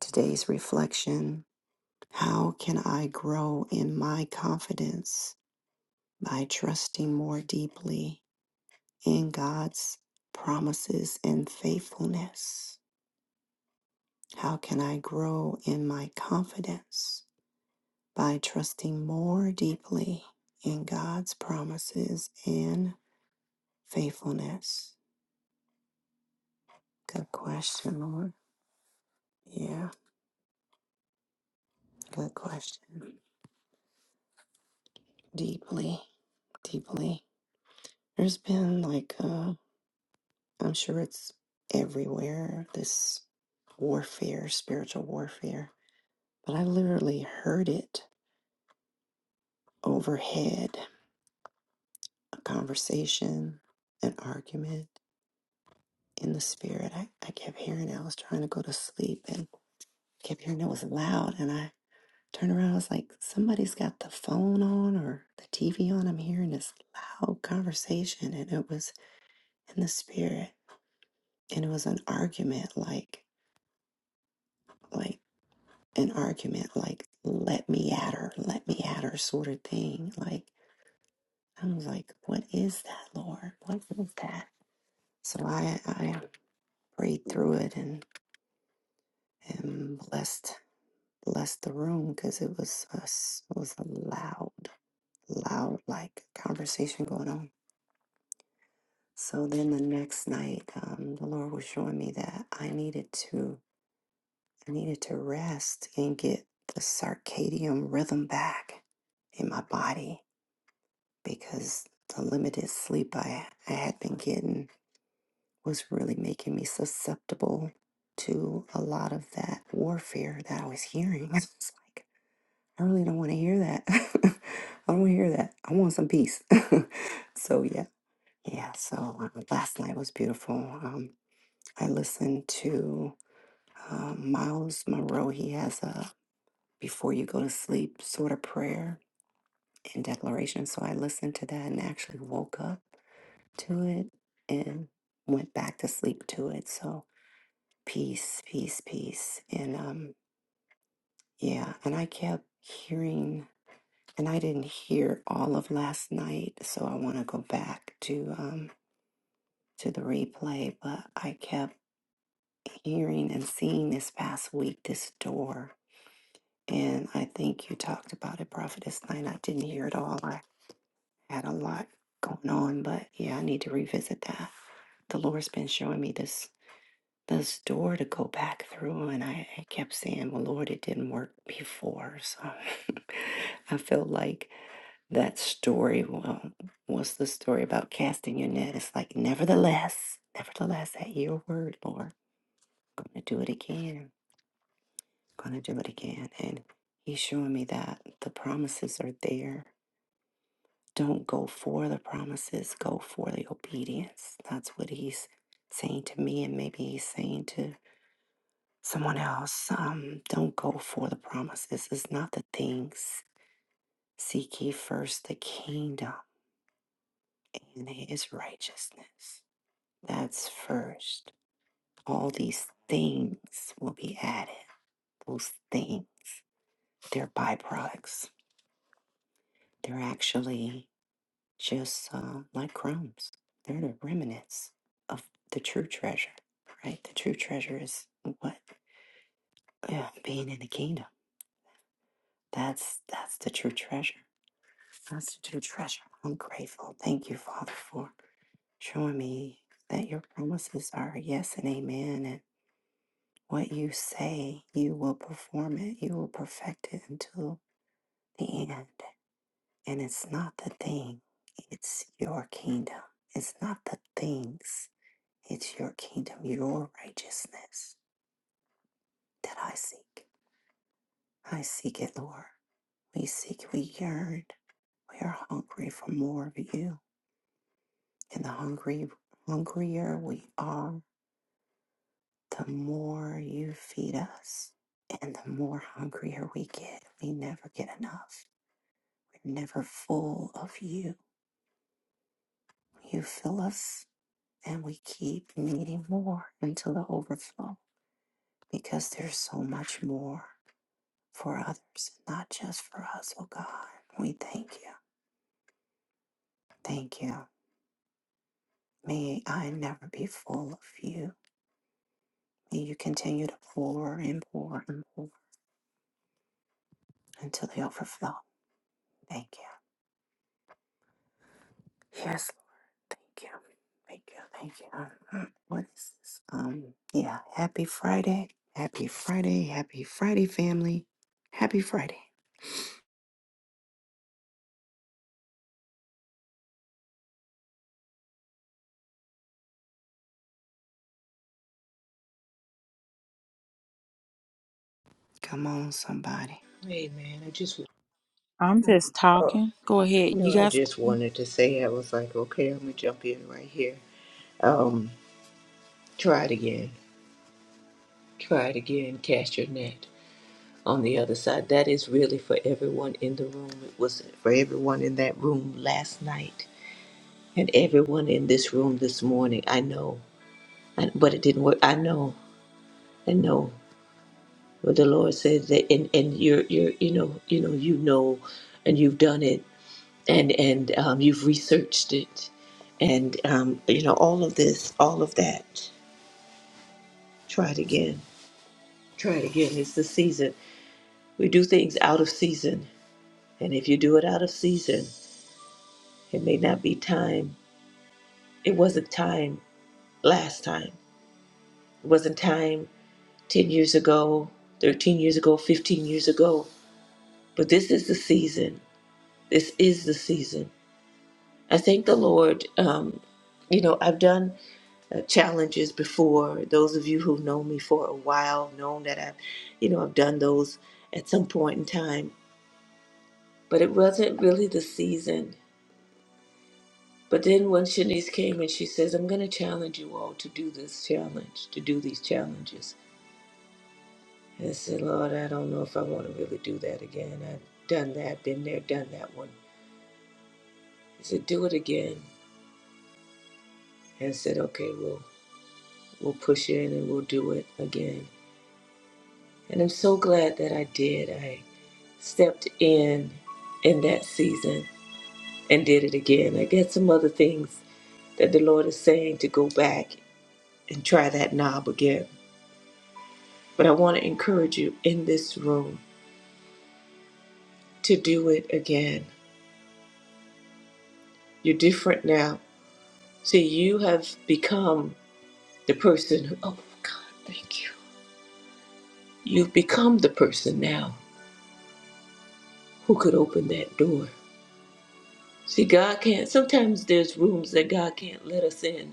Speaker 2: Today's reflection How can I grow in my confidence? by trusting more deeply in God's promises and faithfulness? How can I grow in my confidence by trusting more deeply in God's promises and faithfulness? Good question, Lord. Yeah, good question. Deeply, deeply. There's been like, uh, I'm sure it's everywhere, this warfare, spiritual warfare But I literally heard it overhead a conversation, an argument in the spirit. I, I kept hearing it. I was trying to go to sleep and kept hearing it was loud. And I turned around. I was like, somebody's got the phone on or the TV on. I'm hearing this loud conversation. And it was in the spirit. And it was an argument, like, like, an argument like let me at her let me at her sort of thing like i was like what is that lord what is that So I I prayed through it and and blessed blessed the room because it was a s it was a loud loud like conversation going on. So then the next night, um, the Lord was showing me that I needed to I needed to rest and get the circadian rhythm back in my body because the limited sleep I I had been getting was really making me susceptible to a lot of that warfare that I was hearing. *laughs* It's like, I really don't want to hear that. *laughs* I don't want to hear that. I want some peace. *laughs* so, yeah. Yeah. So, um, last night was beautiful. Um, I listened to um, Miles Monroe. He has a before you go to sleep sort of prayer and declaration. So, I listened to that and actually woke up to it and went back to sleep to it. So, peace, peace, peace. And um, yeah, and I kept hearing, and I didn't hear all of last night, so I want to go back to um to the replay. But I kept hearing and seeing this past week this door, and I think you talked about it, Prophetess Night. I didn't hear it all. I had a lot going on, but yeah, I need to revisit that. The Lord's been showing me this this door to go back through and I, I kept saying well lord it didn't work before so *laughs* i feel like that story well what's the story about casting your net it's like nevertheless nevertheless at your word lord i'm gonna do it again gonna do it again and he's showing me that the promises are there don't go for the promises go for the obedience that's what he's saying to me and maybe he's saying to someone else. Um, don't go for the promises. It's not the things. Seek ye first the kingdom and his righteousness. That's first. All these things will be added. Those things, they're byproducts. They're actually just uh, like crumbs. They're the remnants of the true treasure, right? The true treasure is what? Yeah, being in the kingdom. That's that's the true treasure Constitute treasure. I'm grateful. Thank you, Father, for showing me that your promises are yes and amen. And what you say, you will perform it. You will perfect it until the end. And it's not the thing, it's your kingdom. It's not the things, it's your kingdom, your righteousness that I seek. I seek it, Lord. We seek, we yearn, we are hungry for more of you. And the hungry, hungrier we are, the more you feed us. And the more hungrier we get, we never get enough. We're never full of you. You fill us, and we keep needing more until the overflow because there's so much more for others, not just for us, oh God. We thank you. Thank you. May I never be full of you. May you continue to pour and pour and pour until the overflow. Thank you. Yes, Thank you. Thank you. Thank you. *clears throat* What is this? Um, yeah. Happy Friday. Happy Friday. Happy Friday, family. Happy Friday. Come on, somebody.
Speaker 3: Hey man, I just
Speaker 1: I'm just
Speaker 3: oh,
Speaker 1: talking. Go ahead. You
Speaker 3: no, I
Speaker 1: guys.
Speaker 3: just wanted to say I was like, okay, I'm gonna jump in right here. Um, try it again, try it again, cast your net. on the other side. That is really for everyone in the room. It was for everyone in that room last night and everyone in this room this morning. I know, I, but it didn't work. I know, I know. But the Lord says that, and and you're you're you know you know you know, and you've done it, and and um, you've researched it, and um, you know all of this, all of that. Try it again. Try it again. It's the season. We do things out of season, and if you do it out of season. It may not be time. It wasn't time last time. It wasn't time 10 years ago, 13 years ago, 15 years ago. But this is the season. This is the season. I thank the Lord. Um, you know, I've done uh, challenges before. Those of you who know me for a while know that I've, you know, I've done those at some point in time. But it wasn't really the season. But then when Shanice came and she says, I'm going to challenge you all to do this challenge, to do these challenges. And I said, Lord, I don't know if I want to really do that again. I've done that, been there, done that one. I said, do it again. And I said, okay, we'll, we'll push in and we'll do it again. And I'm so glad that I did. I stepped in in that season and did it again. I got some other things that the Lord is saying to go back and try that knob again But I want to encourage you in this room to do it again. You're different now. See, you have become the person who, oh God, thank you. You've become the person now who could open that door. See, God can't, sometimes there's rooms that God can't let us in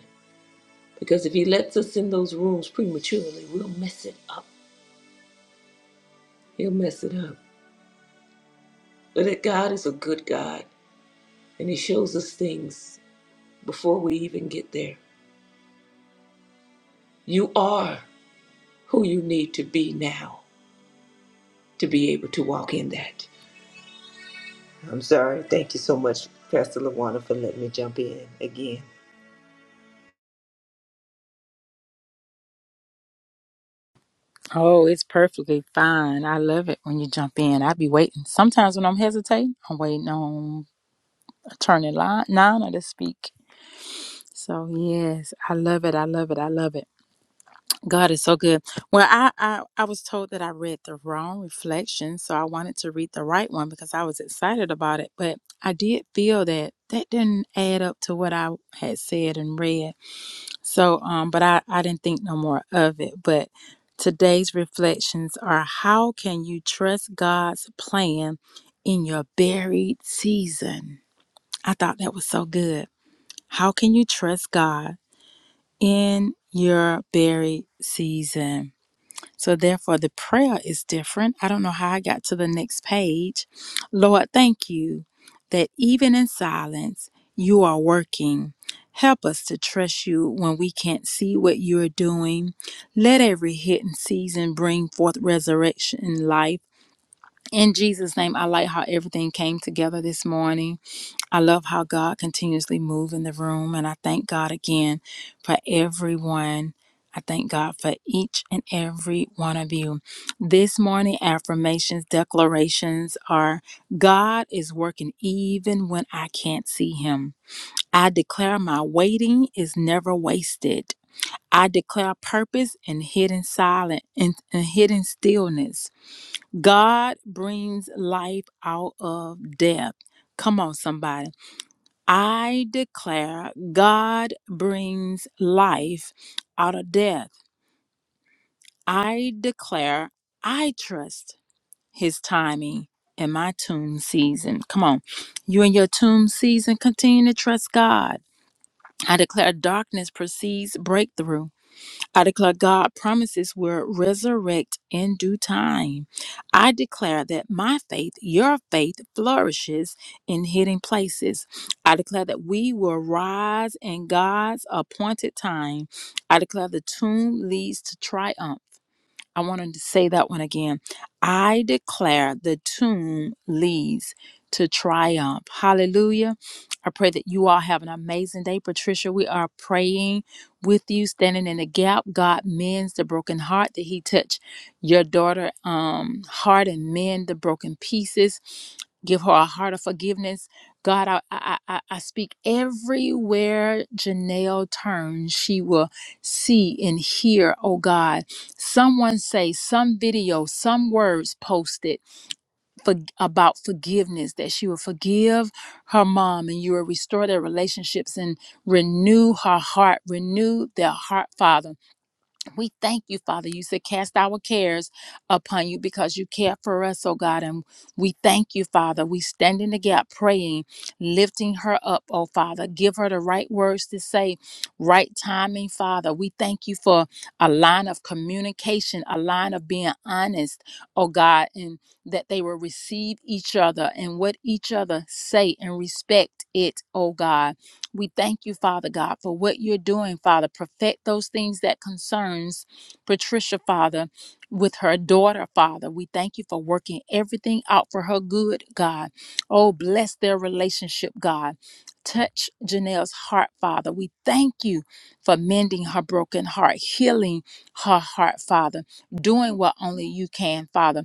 Speaker 3: because if He lets us in those rooms prematurely, we'll mess it up. He'll mess it up. But that God is a good God and He shows us things before we even get there. You are. who you need to be now to be able to walk in that. I'm sorry. Thank you so much, Pastor LaWanda, for letting me jump in again.
Speaker 1: Oh, it's perfectly fine. I love it when you jump in. I be waiting. Sometimes when I'm hesitating, I'm waiting on attorney line nine to speak. So yes, I love it. I love it. I love it. God is so good. Well, I, I I was told that I read the wrong reflection, so I wanted to read the right one because I was excited about it. But I did feel that that didn't add up to what I had said and read. So um, but I I didn't think no more of it. But today's reflections are: How can you trust God's plan in your buried season? I thought that was so good. How can you trust God? in your buried season. So, therefore, the prayer is different. I don't know how I got to the next page. Lord, thank you that even in silence, you are working. Help us to trust you when we can't see what you are doing. Let every hidden season bring forth resurrection in life. In Jesus' name, I like how everything came together this morning. I love how God continuously moves in the room and I thank God again for everyone. I thank God for each and every one of you. This morning affirmations, declarations are God is working even when I can't see him. I declare my waiting is never wasted. I declare purpose in hidden silence and hidden stillness. God brings life out of death. Come on, somebody. I declare God brings life out of death. I declare I trust his timing in my tomb season. Come on. You in your tomb season, continue to trust God. I declare darkness precedes breakthrough. I declare God promises will resurrect in due time. I declare that my faith, your faith, flourishes in hidden places. I declare that we will rise in God's appointed time. I declare the tomb leads to triumph. I wanted to say that one again. I declare the tomb leads to triumph. Hallelujah. I pray that you all have an amazing day. Patricia, we are praying with you, standing in the gap. God mends the broken heart that He touched your daughter um heart and mend the broken pieces. Give her a heart of forgiveness. God, I I I, I speak everywhere Janelle turns, she will see and hear, oh God someone say some video some words posted for about forgiveness that she will forgive her mom and you will restore their relationships and renew her heart renew their heart father we thank you, Father. You said, Cast our cares upon you because you care for us, oh God. And we thank you, Father. We stand in the gap praying, lifting her up, oh Father. Give her the right words to say, right timing, Father. We thank you for a line of communication, a line of being honest, oh God, and that they will receive each other and what each other say and respect it, oh God. We thank you, Father God, for what you're doing, Father. Perfect those things that concerns Patricia, Father, with her daughter, Father. We thank you for working everything out for her good, God. Oh, bless their relationship, God. Touch Janelle's heart, Father. We thank you for mending her broken heart, healing her heart, Father, doing what only you can, Father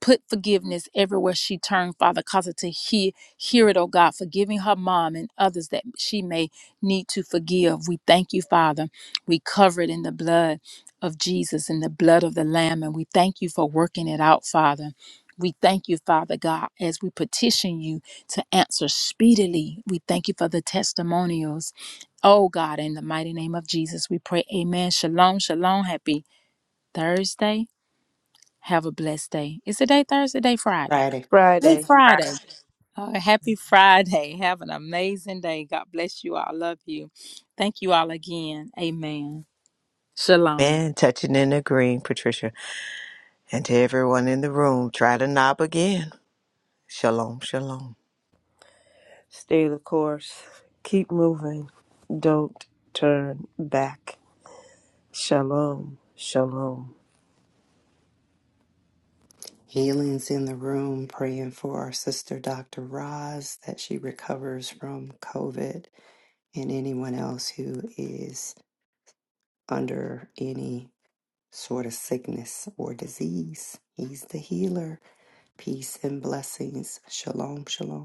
Speaker 1: Put forgiveness everywhere she turned, Father. Cause her to hear, hear it, oh God, forgiving her mom and others that she may need to forgive. We thank you, Father. We cover it in the blood of Jesus and the blood of the Lamb. And we thank you for working it out, Father. We thank you, Father God, as we petition you to answer speedily. We thank you for the testimonials. Oh God, in the mighty name of Jesus, we pray. Amen. Shalom, shalom. Happy Thursday. Have a blessed day. Is today Thursday? Day Friday.
Speaker 2: Friday.
Speaker 1: Hey,
Speaker 4: Friday.
Speaker 1: Friday. Uh, happy Friday. *laughs* Have an amazing day. God bless you. I love you. Thank you all again. Amen. Shalom.
Speaker 3: Man, touching and agreeing, Patricia. And to everyone in the room, try to knob again. Shalom, shalom.
Speaker 4: Stay the course. Keep moving. Don't turn back. Shalom. Shalom.
Speaker 2: Healing's in the room, praying for our sister, Dr. Roz, that she recovers from COVID and anyone else who is under any sort of sickness or disease. He's the healer. Peace and blessings. Shalom, shalom.